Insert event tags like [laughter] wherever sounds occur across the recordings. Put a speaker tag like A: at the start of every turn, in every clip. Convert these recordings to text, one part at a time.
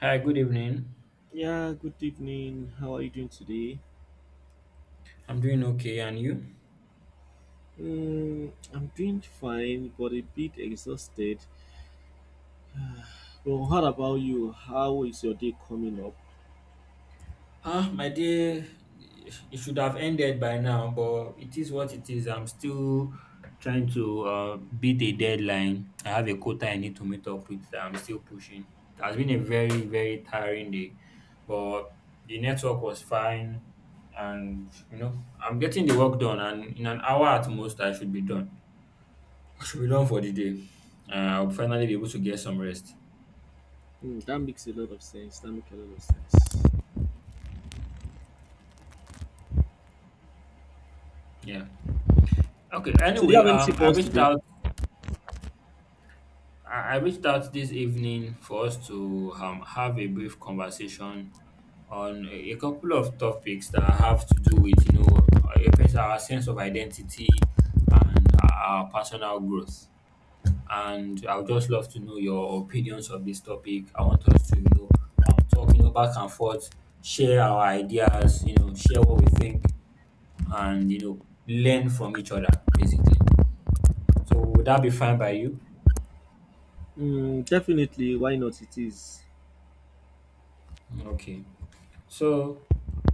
A: Hi, good evening.
B: Yeah, good evening. How are you doing today?
A: I'm doing okay, and you?
B: Mm, I'm doing fine, but a bit exhausted. Well, what about you? How is your day coming up?
A: Ah, my day, it should have ended by now, but it is what it is. I'm still trying to beat a deadline. I have a quota I need to meet up with that I'm still pushing. It has been a very, very tiring day, but the network was fine, and you know, I'm getting the work done, and in an hour at most, I should be done. I should be done for the day. Uh, I'll finally be able to get some rest.
B: Mm, that makes a lot of sense. That makes a lot of sense.
A: Yeah. Okay.
B: So, do you
A: Anyway,
B: have anything
A: I
B: for us
A: reached
B: today?
A: out. I reached out this evening for us to have a brief conversation on a couple of topics that have to do with our sense of identity and our personal growth. And I would just love to know your opinions of this topic. I want us to talk, you know, back and forth, share our ideas, you know, share what we think, and learn from each other basically. So would that be fine by you?
B: Mm, definitely. Why not? It is.
A: Okay, so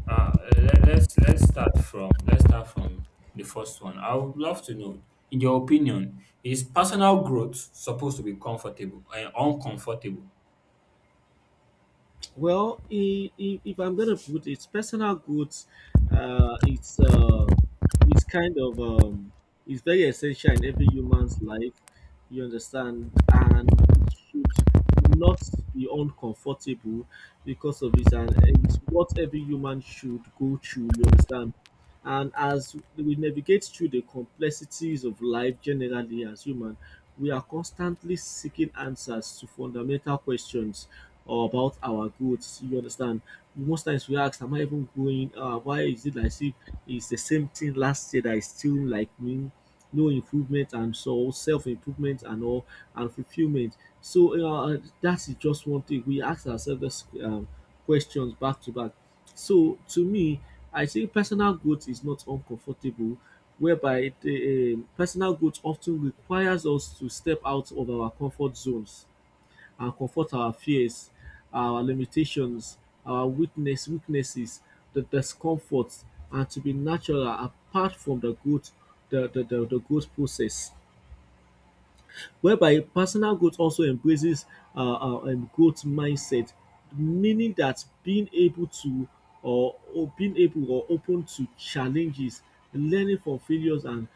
A: let, let's start from the first one. I would love to know, in your opinion, is personal growth supposed to be comfortable and uncomfortable?
B: Well, if I'm gonna put it's personal goods, uh, it's uh, it's kind of it's very essential in every human's life. You understand, and it should not be uncomfortable because of this, and it's what every human should go through. You understand, and as we navigate through the complexities of life generally as human, we are constantly seeking answers to fundamental questions or about our goods. You understand? Most times we ask, am I even going? Why is it like see? It's the same thing last year that is still like me? No improvement and so self improvement and all and fulfillment. So that is just one thing we ask ourselves this, questions back to back. So to me, I think personal growth is not uncomfortable, whereby the personal growth often requires us to step out of our comfort zones and comfort our fears, our limitations, our weaknesses, the discomforts, and to be natural apart from the good, the good process. Whereby personal growth also embraces growth mindset, meaning that being able to or being able or open to challenges, learning from failures and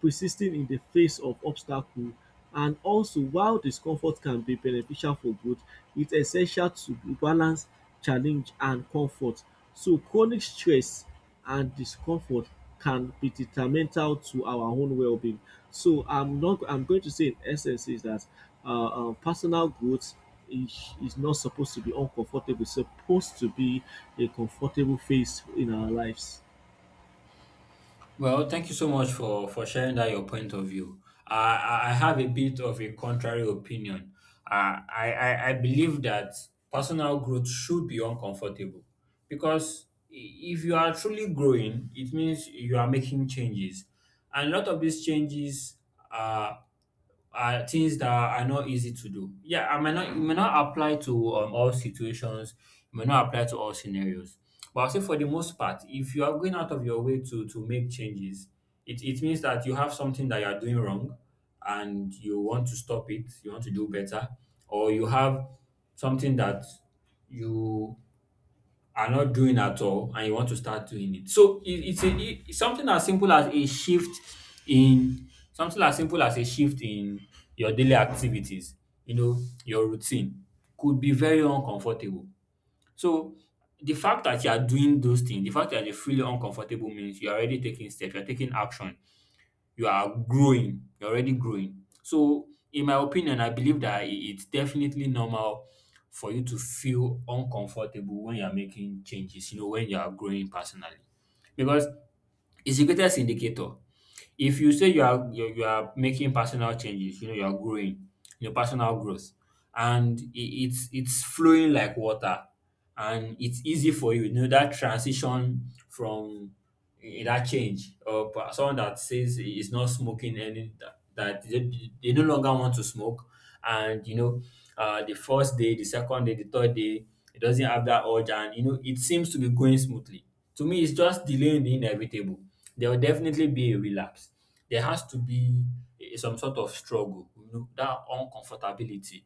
B: persisting in the face of obstacle. And also, while discomfort can be beneficial for growth, it's essential to balance challenge and comfort. So chronic stress and discomfort can be detrimental to our own well-being. So I'm not. I'm going to say in essence is that personal growth is not supposed to be uncomfortable. It's supposed to be a comfortable phase in our lives.
A: Well, thank you so much for sharing that your point of view. Uh, I have a bit of a contrary opinion. I believe that personal growth should be uncomfortable because if you are truly growing, it means you are making changes, and a lot of these changes are are things that are not easy to do. Yeah, I might not it may not apply to all situations, it may not apply to all scenarios. But I'll say for the most part, if you are going out of your way to make changes, it means that you have something that you are doing wrong and you want to stop it, you want to do better, or you have something that you are not doing at all and you want to start doing it. So it's something as simple as a shift in something as simple as a shift in your daily activities, you know, your routine could be very uncomfortable. So the fact that you are doing those things, the fact that you're feeling uncomfortable means you're already taking steps, you're taking action, you are growing, you're already growing. So in my opinion, I believe that it's definitely normal for you to feel uncomfortable when you're making changes, you know, when you are growing personally, because it's the greatest indicator. If you say you are making personal changes, you know, you are growing, your personal growth, and it's flowing like water, and it's easy for you, you know, that transition from that change or someone that says he is not smoking any, that, they no longer want to smoke, and you know, the first day, the second day, the third day, it doesn't have that urge, and you know, it seems to be going smoothly. To me, it's just delaying the inevitable. There will definitely be a relapse. There has to be some sort of struggle, you know, that uncomfortability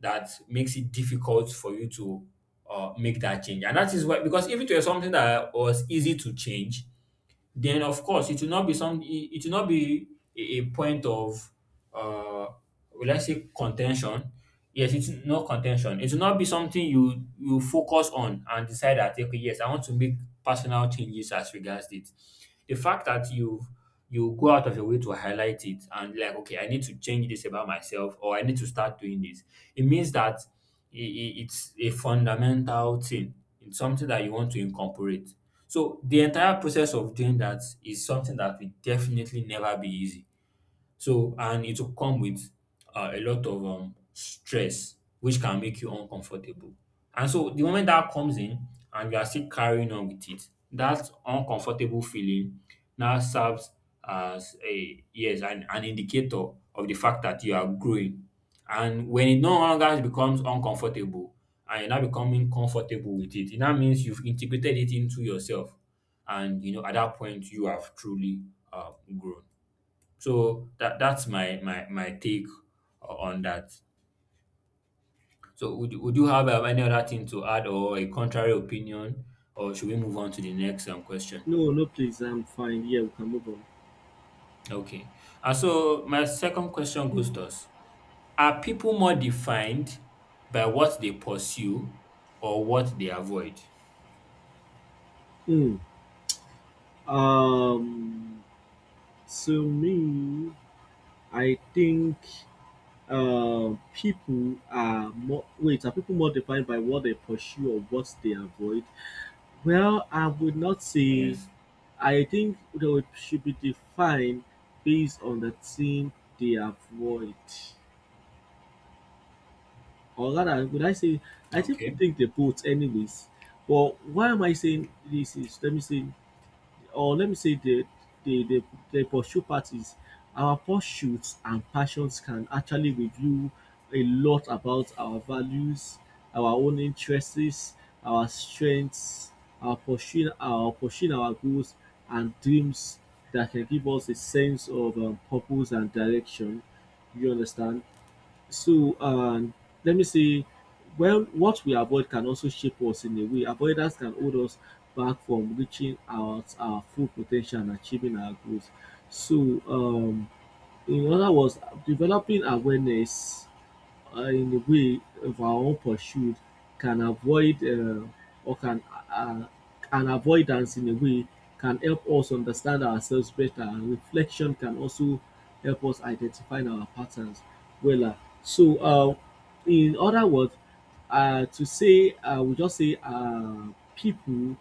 A: that makes it difficult for you to make that change. And that is why, because if it were something that was easy to change, then of course it will not be some it it will not be a point of uh will I say contention. Yes, it's not contention. It will not be something you focus on and decide that okay, yes, I want to make personal changes as regards it. The fact that you go out of your way to highlight it and like, okay, I need to change this about myself or I need to start doing this, it means that it's a fundamental thing. It's something that you want to incorporate. So the entire process of doing that is something that will definitely never be easy. So, and it will come with a lot of stress, which can make you uncomfortable. And so, the moment that comes in and you are still carrying on with it, that uncomfortable feeling now serves as a yes, an indicator of the fact that you are growing. And when it no longer becomes uncomfortable and you're not becoming comfortable with it, it now means you've integrated it into yourself. And you know, at that point, you have truly uh, grown. So that's my take on that. So would you have any other thing to add or a contrary opinion, or should we move on to the next question?
B: No, no, please. I'm fine. Yeah, we can move
A: Okay. And so my second question goes thus: Are people more defined by what they pursue or what they avoid?
B: on. Hmm. So me, I think people are more. Wait, are people more defined by what they pursue or what they avoid? Well, I would not say.
A: Yes.
B: I think they would- should be defined based on the thing they avoid. Or rather, would I say, I still
A: Okay.
B: think they both, anyways. But why am I saying this is, let me say, or let me say the the, the pursuit parties, our pursuits and passions can actually reveal a lot about our values, our own interests, our strengths, our goals and dreams that can give us a sense of purpose and direction. You understand? So, let me say, well, what we avoid can also shape us in a way. Avoidance can hold us back from reaching out our full potential and achieving our goals. So, in other words, developing awareness in a way of our own pursuit can avoid or can uh, an avoidance in a way can help us understand ourselves better and reflection can also help us identify our patterns. Well, so uh, in other words, to say I we just say people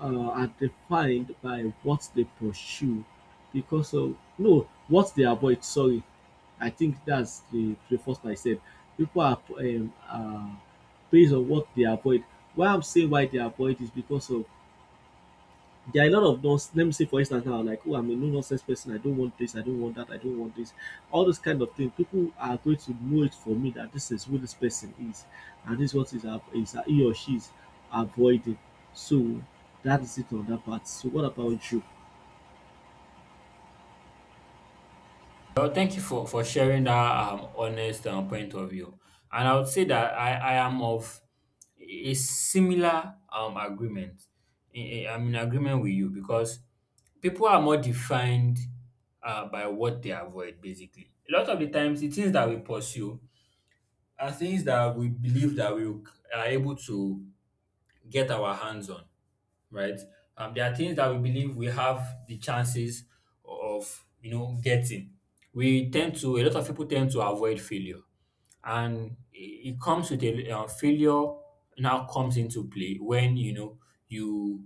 B: are defined by what they pursue because of no what they avoid, sorry. I think that's the first I said, people are based on what they avoid. Why I'm saying why they avoid is because of there are a lot of those. Let me see, for instance, now, like, oh, I'm a no nonsense person. I don't want this. I don't want that. I don't want this. All those kind of things. People are going to know it for me that this is who this person is, and this is what is, is he or she is avoiding. So that is it on that part. So what about you?
A: Well, thank you for sharing that honest point of view. And I would say that I am of a similar agreement. I'm in agreement with you because people are more defined by what they avoid, basically. A lot of the times, the things that we pursue are things that we believe that we are able to get our hands on, right? There are things that we believe we have the chances of, you know, getting. A lot of people tend to avoid failure, and it comes with a failure now comes into play when you know you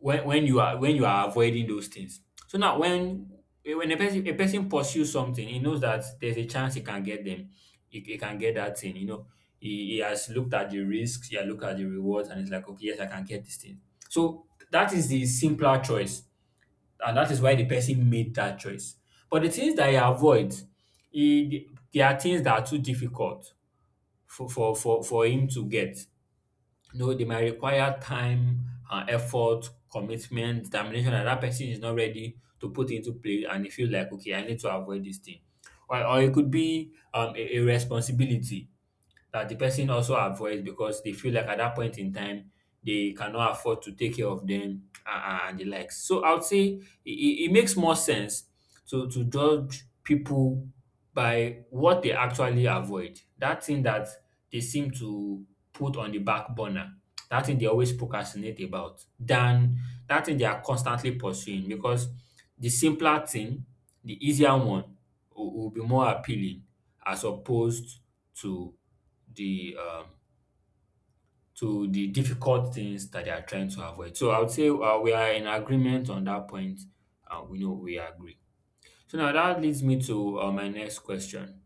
A: when you are avoiding those things. So now when a person pursues something, he knows that there's a chance he can get them, he can get that thing, you know, he has looked at the risks, he has looked at the rewards, and it's like, okay, yes, I can get this thing. So that is the simpler choice, and that is why the person made that choice. But the things that he avoids, there are things that are too difficult for him to get. You know, they might require time, effort, commitment, determination, and that person is not ready to put into play, and they feel like, okay, I need to avoid this thing. Or it could be a responsibility that the person also avoids because they feel like at that point in time they cannot afford to take care of them, and the likes. So I would say it makes more sense to judge people by what they actually avoid. That thing that they seem to put on the back burner, that thing they always procrastinate about, than that thing they are constantly pursuing, because the simpler thing, the easier one, will be more appealing as opposed to the um to the difficult things that they are trying to avoid. So I would say we are in agreement on that point. We know we agree. So now that leads me to my next question: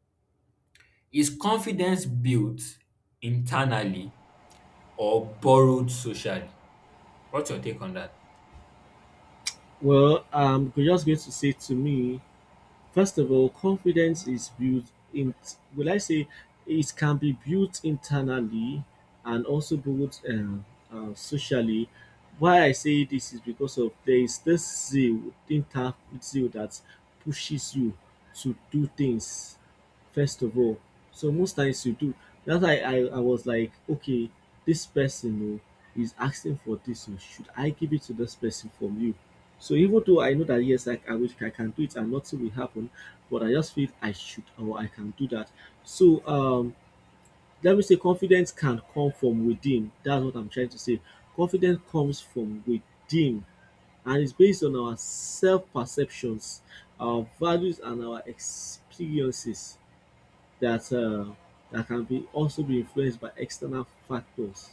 A: Is confidence built internally or borrowed socially? What's your take on that?
B: Well, you're just going to say to me, first of all, confidence is built in, will I say, it can be built internally and also built socially. Why I say this is because of there is this zeal, inner zeal that pushes you to do things first of all. So most times you do. That's why I was like, okay, this person, oh, is asking for this. Oh, should I give it to this person from you? So even though I know that yes, I wish I can do it and nothing will happen, but I just feel I should or I can do that. So, let me say confidence can come from within. That's what I'm trying to say. Confidence comes from within and it's based on our self perceptions, our values, and our experiences that, that can be also be influenced by external factors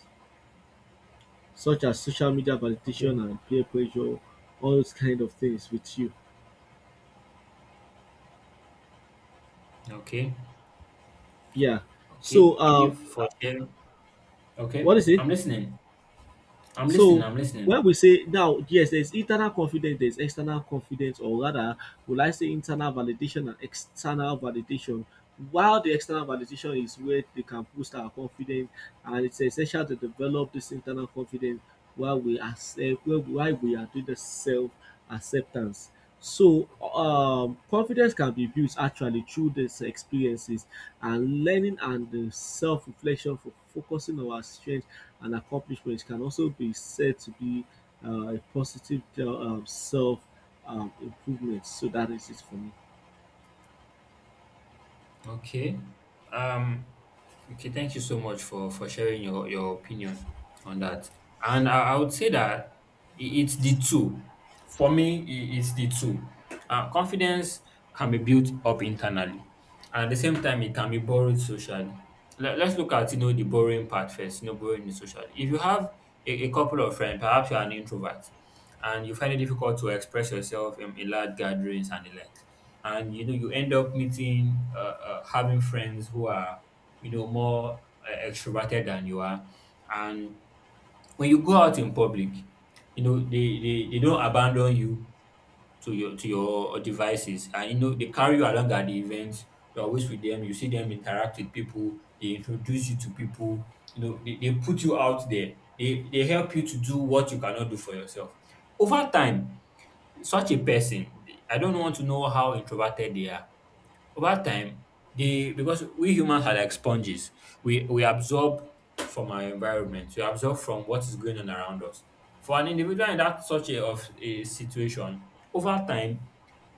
B: such as social media
A: Okay.
B: validation and peer pressure, all those kind of things with you.
A: Okay,
B: Yeah.
A: okay.
B: So
A: Thank
B: uh,
A: you for sharing. Okay,
B: what is it?
A: I'm listening. I'm listening.
B: So
A: I'm
B: when
A: listening.
B: we say now, yes, there's internal confidence, there's external confidence, or rather, will I say internal validation and external validation? While the external validation is where they can boost our confidence, and it's essential to develop this internal confidence while we are self, while we are doing the self acceptance. So, confidence can be built actually through these experiences and learning and the self reflection for focusing on our strengths and accomplishments can also be said to be a positive self improvement. So, that is it for me.
A: Okay. Um, okay, thank you so much for sharing your opinion on that. And I would say that it's the two. For me, it's the two. Confidence can be built up internally, and at the same time, it can be borrowed socially. Let's look at, you know, the borrowing part first. You know, borrowing it socially. If you have a couple of friends, perhaps you are an introvert, and you find it difficult to express yourself in large gatherings and the like. And you know, you end up meeting, having friends who are, you know, more extroverted than you are. And when you go out in public, you know, they don't abandon you to your devices, and you know, they carry you along at the events. You're always with them. You see them interact with people. They introduce you to people. You know, they put you out there. They help you to do what you cannot do for yourself. Over time, such a person, I don't want to know how introverted they are. Over time, they, because we humans are like sponges. We absorb from our environment. We absorb from what is going on around us. For an individual in that such a of a situation, over time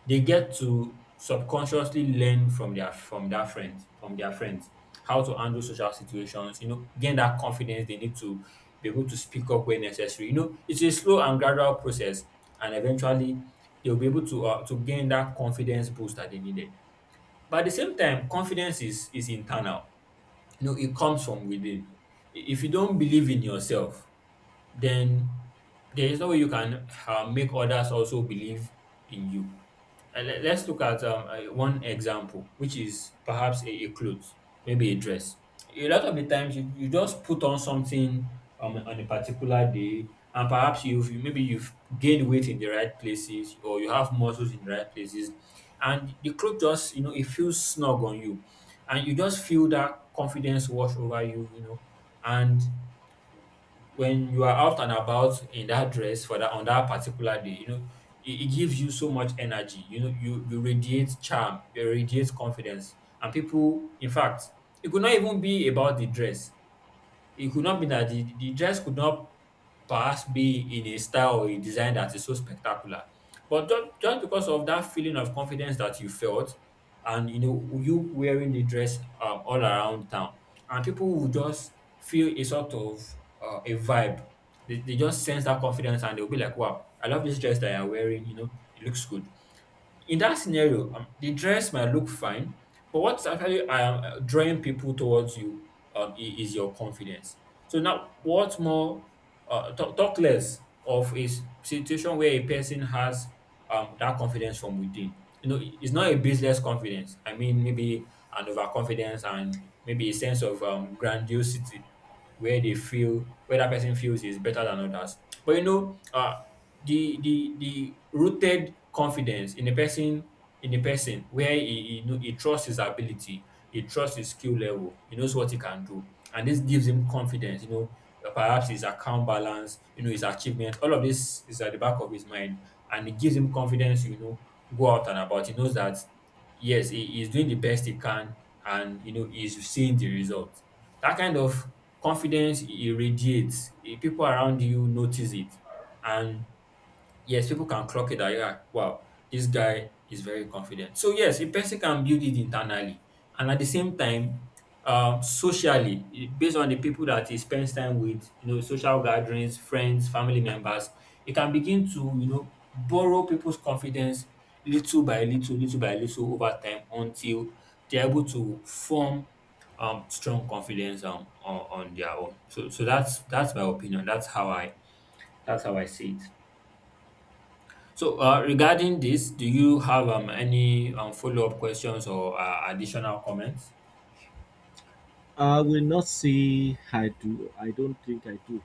A: they get to subconsciously learn from their friends how to handle social situations. Gain that confidence they need to be able to speak up when necessary. It's a slow and gradual process, and eventually they'll be able to gain that confidence boost that they needed. But at the same time, confidence is internal. It comes from within. If you don't believe in yourself, then there is no way you can make others also believe in you. And let's look at one example, which is perhaps a clothes, maybe a dress. A lot of the times, you just put on something on a particular day, and perhaps maybe you've gained weight in the right places, or you have muscles in the right places, and the clothes just. It feels snug on you, and you just feel that confidence wash over you, and when you are out and about in that dress for that on that particular day, it gives you so much energy. You radiate charm, you radiate confidence, and people. In fact, it could not even be about the dress. It could not be that the dress could not perhaps be in a style or a design that is so spectacular. But just because of that feeling of confidence that you felt, and you wearing the dress all around town, and people will just feel a sort of a vibe. They just sense that confidence, and they'll be like, wow, I love this dress that you're wearing. It looks good. In that scenario, the dress might look fine, but what's actually drawing people towards you is your confidence. So now, what more talk less of a situation where a person has that confidence from within. It's not a baseless confidence. I mean, maybe an overconfidence and maybe a sense of grandiosity, where they feel where that person feels is better than others. But the rooted confidence in a person, where he know he trusts his ability, he trusts his skill level, he knows what he can do, and this gives him confidence. Perhaps his account balance, his achievement, all of this is at the back of his mind, and it gives him confidence. Go out and about. He knows that yes, he's doing the best he can, and he's seeing the result. That kind of confidence he irradiates. People around you notice it, and yes, people can clock it that yeah, wow, this guy is very confident. So yes, a person can build it internally, and at the same time, socially, based on the people that he spends time with, social gatherings, friends, family members, he can begin to borrow people's confidence little by little, little by little, over time until they're able to form strong confidence on their own. So that's my opinion. That's how I see it. So, regarding this, do you have any follow-up questions or additional comments?
B: I will not say I do, I don't think I do.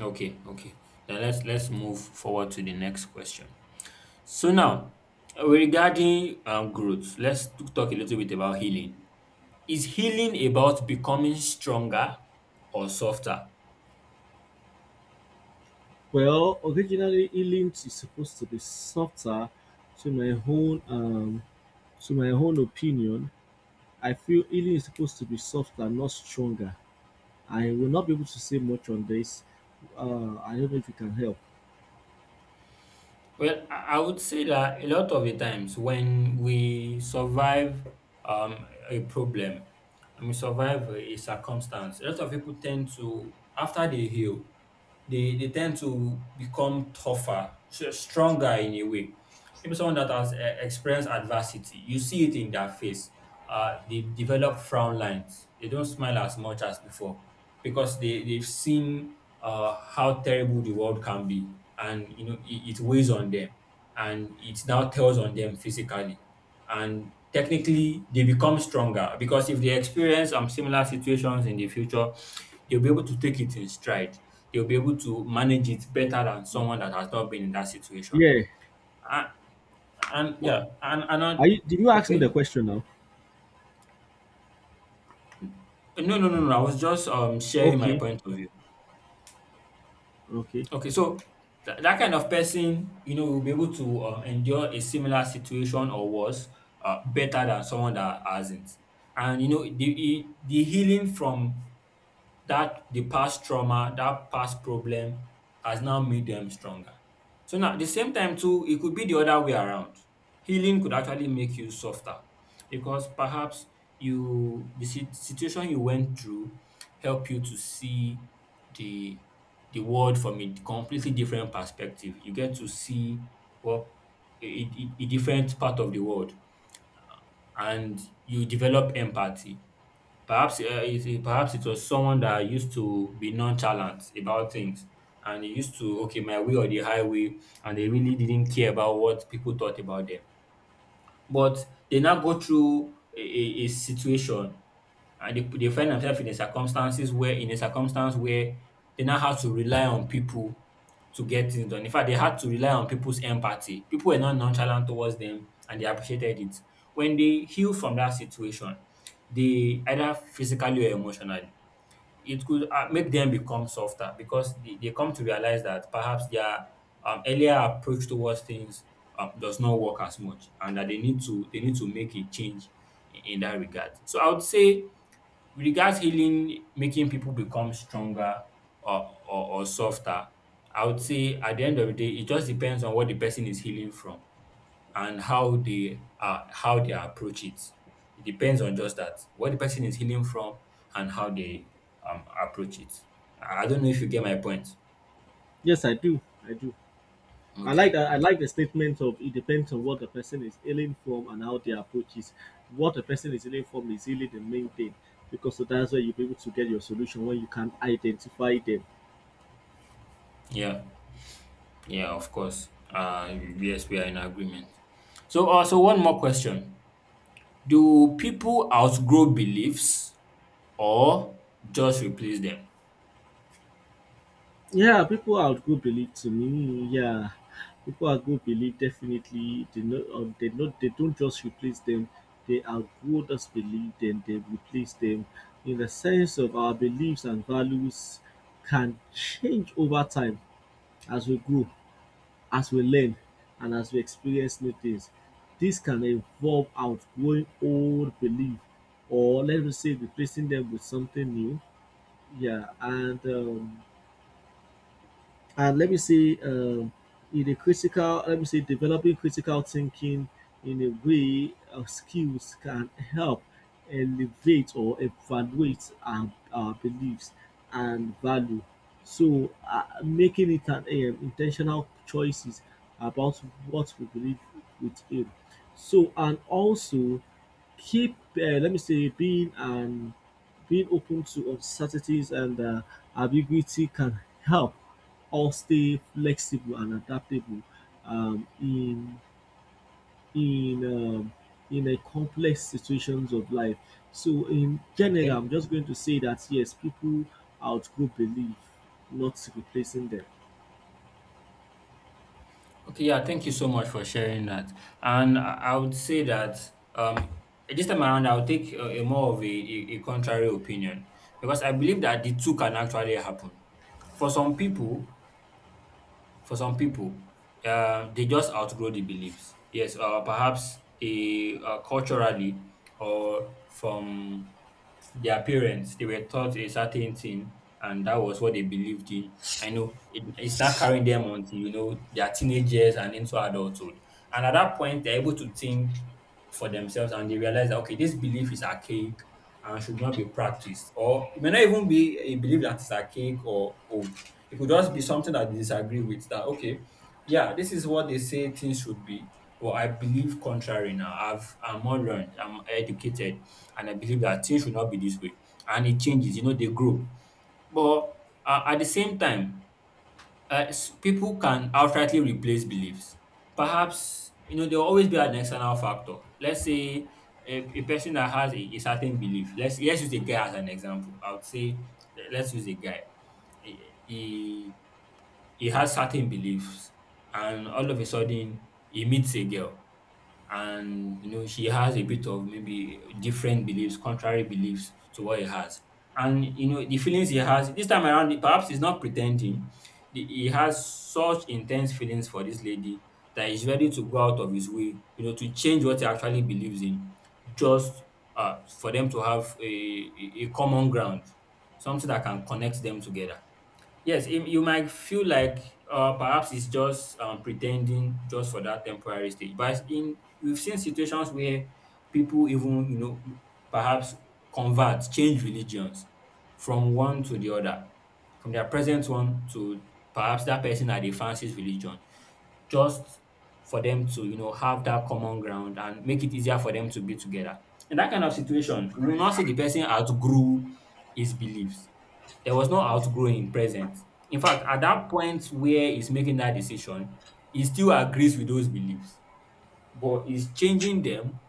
A: Okay, okay. Then let's move forward to the next question. So now, regarding growth, let's talk a little bit about healing. Is healing about becoming stronger or softer?
B: Well, originally, healing is supposed to be softer to my own um, to my own opinion. I feel healing is supposed to be softer, not stronger. I will not be able to say much on this. I don't know if you can help.
A: Well, I would say that a lot of the times when we survive a problem and we survive a circumstance, a lot of people tend to, after they heal, they tend to become tougher, stronger in a way. Maybe someone that has experienced adversity. You see it in their face. They develop frown lines. They don't smile as much as before because they've seen how terrible the world can be. And, it weighs on them. And it now tells on them physically. And technically, they become stronger because if they experience similar situations in the future, they'll be able to take it in stride. They'll be able to manage it better than someone that has not been in that situation.
B: Yeah.
A: And
B: What
A: yeah, and
B: are
A: another.
B: you? Did you ask me the
A: Okay.
B: question now?
A: No, no, no, no. I was just sharing my
B: Okay.
A: point of view.
B: Okay.
A: Okay, so that kind of person, will be able to endure a similar situation or worse, better than someone that hasn't. And the healing from that the past trauma, that past problem, has now made them stronger. So now, at the same time too, it could be the other way around. Healing could actually make you softer because perhaps you the sit- situation you went through help you to see the the world from a completely different perspective. You get to see what a different part of the world, and you develop empathy. Perhaps it was someone that used to be nonchalant about things, and he used to okay my way or the highway, and they really didn't care about what people thought about them. But they now go through a situation, and they find themselves in a circumstances where in a circumstance where they now have to rely on people to get things done. In fact, they had to rely on people's empathy. People were not nonchalant towards them and they appreciated it. When they heal from that situation, they either physically or emotionally, it could make them become softer because they come to realize that perhaps their earlier approach towards things does not work as much, and that they need to make a change in that regard. So I would say, with regards healing making people become stronger, or softer, I would say at the end of the day it just depends on what the person is healing from and how they approach it. It depends on just that, what the person is healing from and how they approach it. I don't know if you get my point.
B: Yes, I do. I do. I like
A: Okay.
B: that. I
A: Okay.
B: like the statement of it depends on what the person is healing from and how their approach is. What the person is healing from is really the main thing, because that's where you'll be able to get your solution when you can identify them.
A: Yeah. Yeah. Of course. Yes, we are in agreement. So one more question: Do people outgrow beliefs or just replace them?
B: Yeah, people are outgrew believe to me. Yeah, people are outgrew believe definitely. They not, they not, they don't just replace them. They outgrow those believe then they replace them. In the sense of our beliefs and values can change over time as we grow, as we learn, and as we experience new things. This can involve outgrowing old belief, or let me say, replacing them with something new. Yeah, and let me see. In a critical let me see, developing critical thinking in a way of skills can help elevate or evaluate our beliefs and value. So making it an intentional choices about what we believe within. So and also keep let me say being an being open to uncertainties and ambiguity can help us stay flexible and adaptable um, in in um, in a complex situations of life. So in general,
A: Okay.
B: I'm just going to say that yes, people outgrow belief, not replacing them.
A: Okay, yeah, thank you so much for sharing that. And I would say that um, this time around, I'll take a more of a contrary opinion because I believe that the two can actually happen. For some people, for some people, they just outgrow the beliefs. Yes, or perhaps they culturally or from their parents they were taught a certain thing, and that was what they believed in. I know it's not carrying them until their teenage years and into adulthood, and at that point they're able to think for themselves, and they realize that okay, this belief is archaic and should not be practiced. Or it may not even be a belief that is archaic or old, it could just be something that they disagree with, that okay, yeah, this is what they say things should be, but I believe contrary now. I'm more learned, I'm educated, and I believe that things should not be this way. And it changes, you know, they grow. But at the same time, people can outrightly replace beliefs. Perhaps, you know, there will always be an external factor. Let's say a person that has a certain belief. Let's use a guy as an example. I would say let's use a guy. He, he he has certain beliefs, and all of a sudden he meets a girl, and you know she has a bit of maybe different beliefs contrary beliefs to what he has, and you know the feelings he has this time around, perhaps he's not pretending. He has such intense feelings for this lady that he's ready to go out of his way, to change what he actually believes in, just for them to have a common ground, something that can connect them together. Yes, you might feel like perhaps it's just pretending just for that temporary stage. But in we've seen situations where people even perhaps convert, change religions from one to the other, from their present one to perhaps that person that they fancy's religion, just for them to have that common ground and make it easier for them to be together. In that kind of situation, we will not see the person outgrew his beliefs. There was no outgrowing present. In fact, at that point where he's making that decision, he still agrees with those beliefs, but he's changing them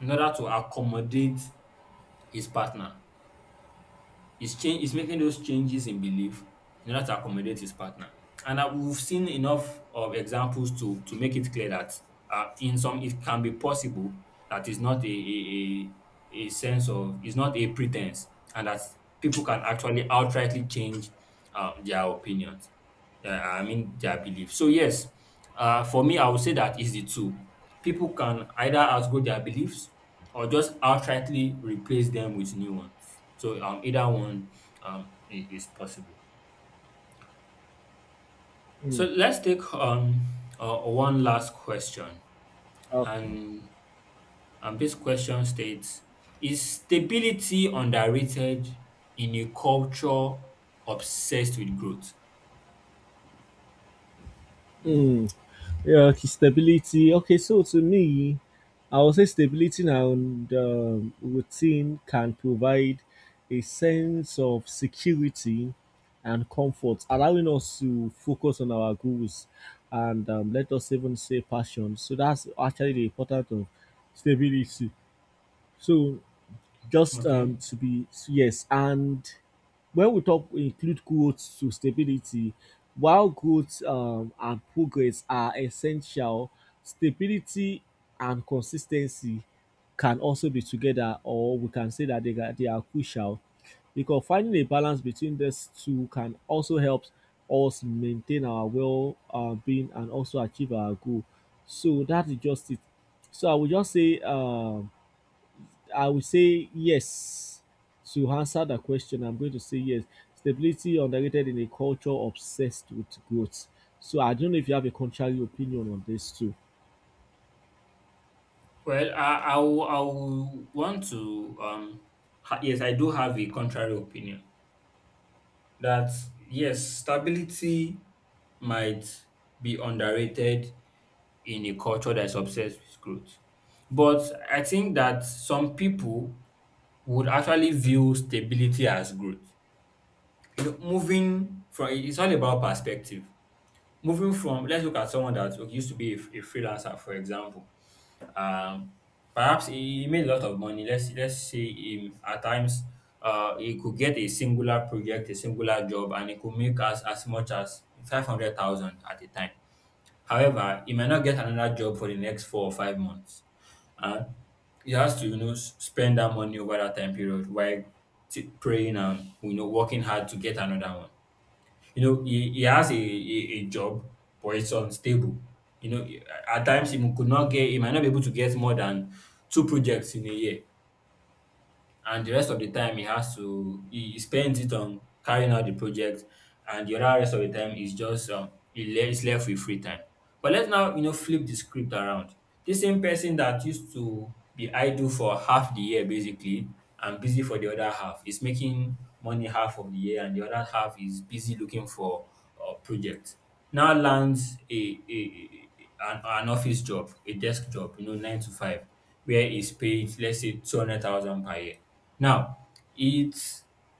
A: in order to accommodate his partner. He's making those changes in belief in order to accommodate his partner. And we've seen enough of examples to make it clear that in some it can be possible that it's not a sense of it's not a pretense, and that people can actually outrightly change their opinions. Yeah, I mean their belief. So yes, for me, I would say that is the two. People can either outgrow their beliefs or just outrightly replace them with new ones. So either one is possible. So
B: Mm.
A: let's take one last question,
B: Okay.
A: and this question states: Is stability underrated in a culture obsessed with growth?
B: Mm. Yeah, okay, stability. Okay, so to me, I would say stability and routine can provide a sense of security and comfort, allowing us to focus on our goals and let us even say passion. So that's actually the importance of stability. So just
A: Okay.
B: to be yes, and when we talk we include growth to stability, while growth and progress are essential, stability and consistency can also be together, or we can say that they are crucial because finding a balance between these two can also help us maintain our well being and also achieve our goal. So that is just it. So I would just say I will say yes. To answer that question, I'm going to say yes. Stability underrated in a culture obsessed with growth. So I don't know if you have a contrary opinion on this too.
A: Well, I will want to. Yes, I do have a contrary opinion that yes, stability might be underrated in a culture that is obsessed with growth. But I think that some people would actually view stability as growth. You know, moving from it's all about perspective. Moving from, let's look at someone that used to be a freelancer, for example. Um, perhaps he made a lot of money. Let's say him at times he could get a singular project, a singular job, and he could make as much as 500,000 at a time. However, he might not get another job for the next 4 or 5 months, and he has to you know spend that money over that time period while praying and you know working hard to get another one. You know, he has a job, but it's unstable. You know, at times he could not get, he might not be able to get more than two projects in a year, and the rest of the time he has to he spends it on carrying out the project, and the other rest of the time is just he's left with free time. But let's now you know flip the script around. This same person that used to be idle for half the year basically and busy for the other half is making money half of the year, and the other half is busy looking for projects, now lands an office job, a desk job, you know, 9 to 5, where he's paid let's say 200,000 per year. Now, it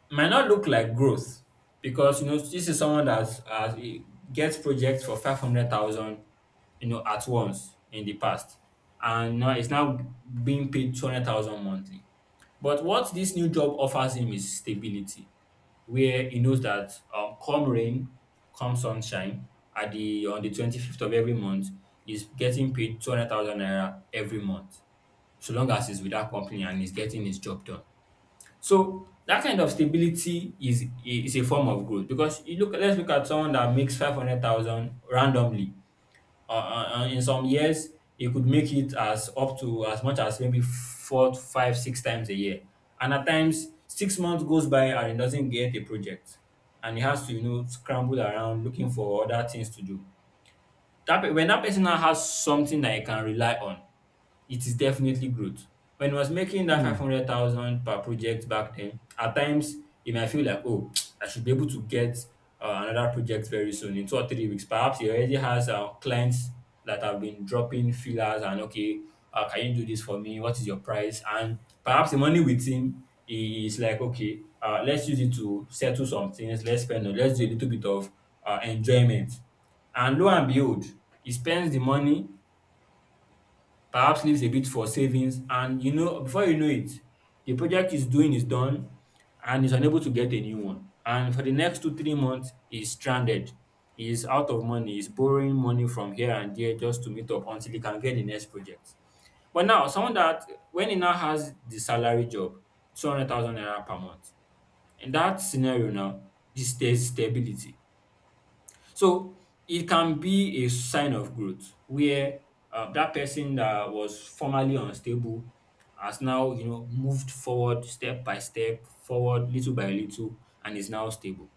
A: might not look like growth because you know this is someone that gets projects for 500,000 you know at once in the past, and now it's now being paid 200,000 monthly. But what this new job offers him is stability, where he knows that come rain, come sunshine, at the on the 25th of every month, he's getting paid 200,000 naira every month, so long as he's with that company and he's getting his job done. So that kind of stability is a form of growth, because you look let's look at someone that makes 500,000 randomly. In some years, he could make it as up to as much as maybe four, five, six times a year, and at times 6 months goes by and he doesn't get a project, and he has to you know scramble around looking for other things to do. When that person now has something that he can rely on, it is definitely growth. When he was making that
B: Hmm.
A: 500,000 per project back then, at times he might feel like, oh, [tsk] I should be able to get another project very soon in 2 or 3 weeks. Perhaps he already has clients that have been dropping fillers and, okay, can you do this for me? What is your price? And perhaps the money with him is like, okay, let's use it to settle some things, let's spend, let's do a little bit of enjoyment. And lo and behold, he spends the money, perhaps leaves a bit for savings, and you know before you know it, the project is done, and is unable to get a new one, and for the next 2 3 months he's stranded, he's out of money, he's borrowing money from here and there just to meet up until he can get the next project. But now, someone that, when he now has the salary job, 200,000 naira per month, in that scenario now is there's stability. So it can be a sign of growth, where that person that was formerly unstable has now, you know, moved forward step by step, forward little by little, and is now stable,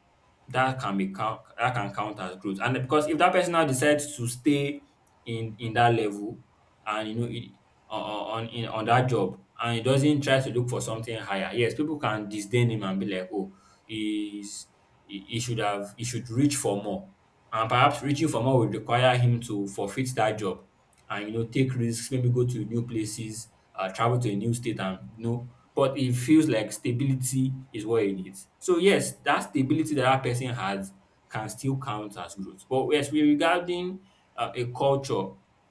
A: that can count as growth. And because if that person now decides to stay in that level and you know it, on that job, and he doesn't try to look for something higher, yes, people can disdain him and be like, oh, he's he should have he should reach for more, and perhaps reaching for more would require him to forfeit that job and you know take risks, maybe go to new places, travel to a new state, and you know, but it feels like stability is what you need. So yes, that stability that that person has can still count as growth. But yes, we regarding a culture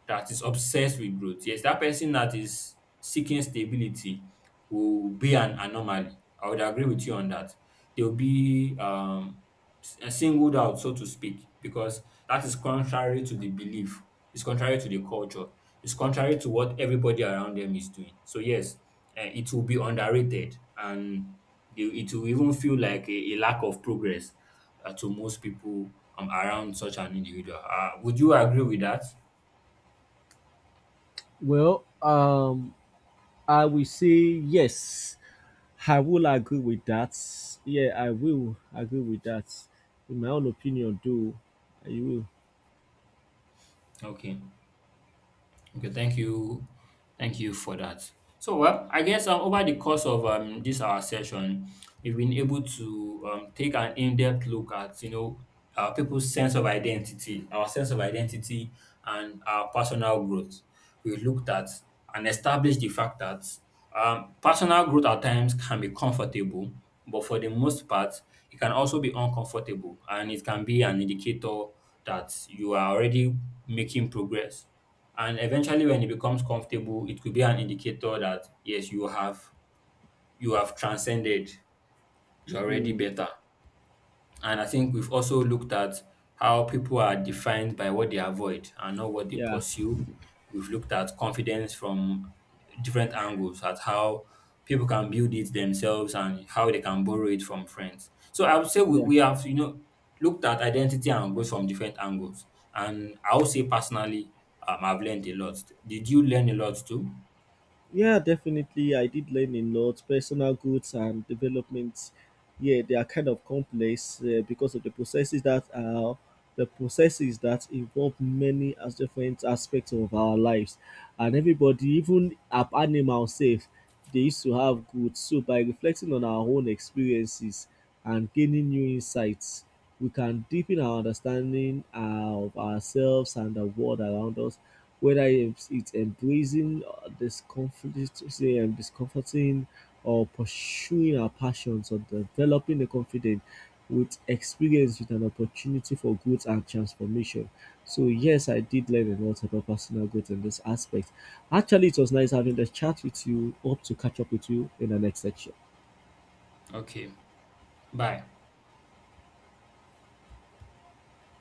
A: that is obsessed with growth. Yes, that person that is seeking stability will be an anomaly. I would agree with you on that. They'll be singled out, so to speak, because that is contrary to the belief, it's contrary to the culture, it's contrary to what everybody around them is doing. So, yes, it will be underrated, and it will even feel like a lack of progress to most people around such an individual. Would you agree with that?
B: Well, I will say yes. I will agree with that. Yeah, I will agree with that. In my own opinion, do you
A: Okay. Okay, thank you. Thank you for that. So, well, I guess over the course of this our session, we've been able to take an in-depth look at, you know, our people's sense of identity, our sense of identity, and our personal growth. We looked at and established the fact that personal growth at times can be comfortable, but for the most part, it can also be uncomfortable, and it can be an indicator that you are already making progress, and eventually when it becomes comfortable, it could be an indicator that yes, you have transcended. You're
B: will?
A: already
B: Hmm.
A: better. And I think we've also looked at how people are defined by what they avoid and not what they
B: Yeah,
A: pursue. We've looked at confidence from different angles, at how people can build it themselves and how they can borrow it from friends. So I would say we,
B: yeah.
A: we have, you know, looked at identity and growth from different angles. And I would say personally, I've learned a lot. Did you learn a lot too?
B: Yeah, definitely. I did learn a lot. Personal goods and developments, yeah, they are kind of complex because of the processes that are the processes that involve many as different aspects of our lives. And everybody, even up animals, safe, they used to have goods. So by reflecting on our own experiences and gaining new insights, we can deepen our understanding of ourselves and the world around us whether it's embracing discomfort, say, discomforting or pursuing our passions or developing the confidence with experience with an opportunity for growth and transformation. So yes, I did learn a lot about personal growth in this aspect. Actually, it was nice having the chat with you. Hope to catch up with you in the next section.
A: Okay. Bye.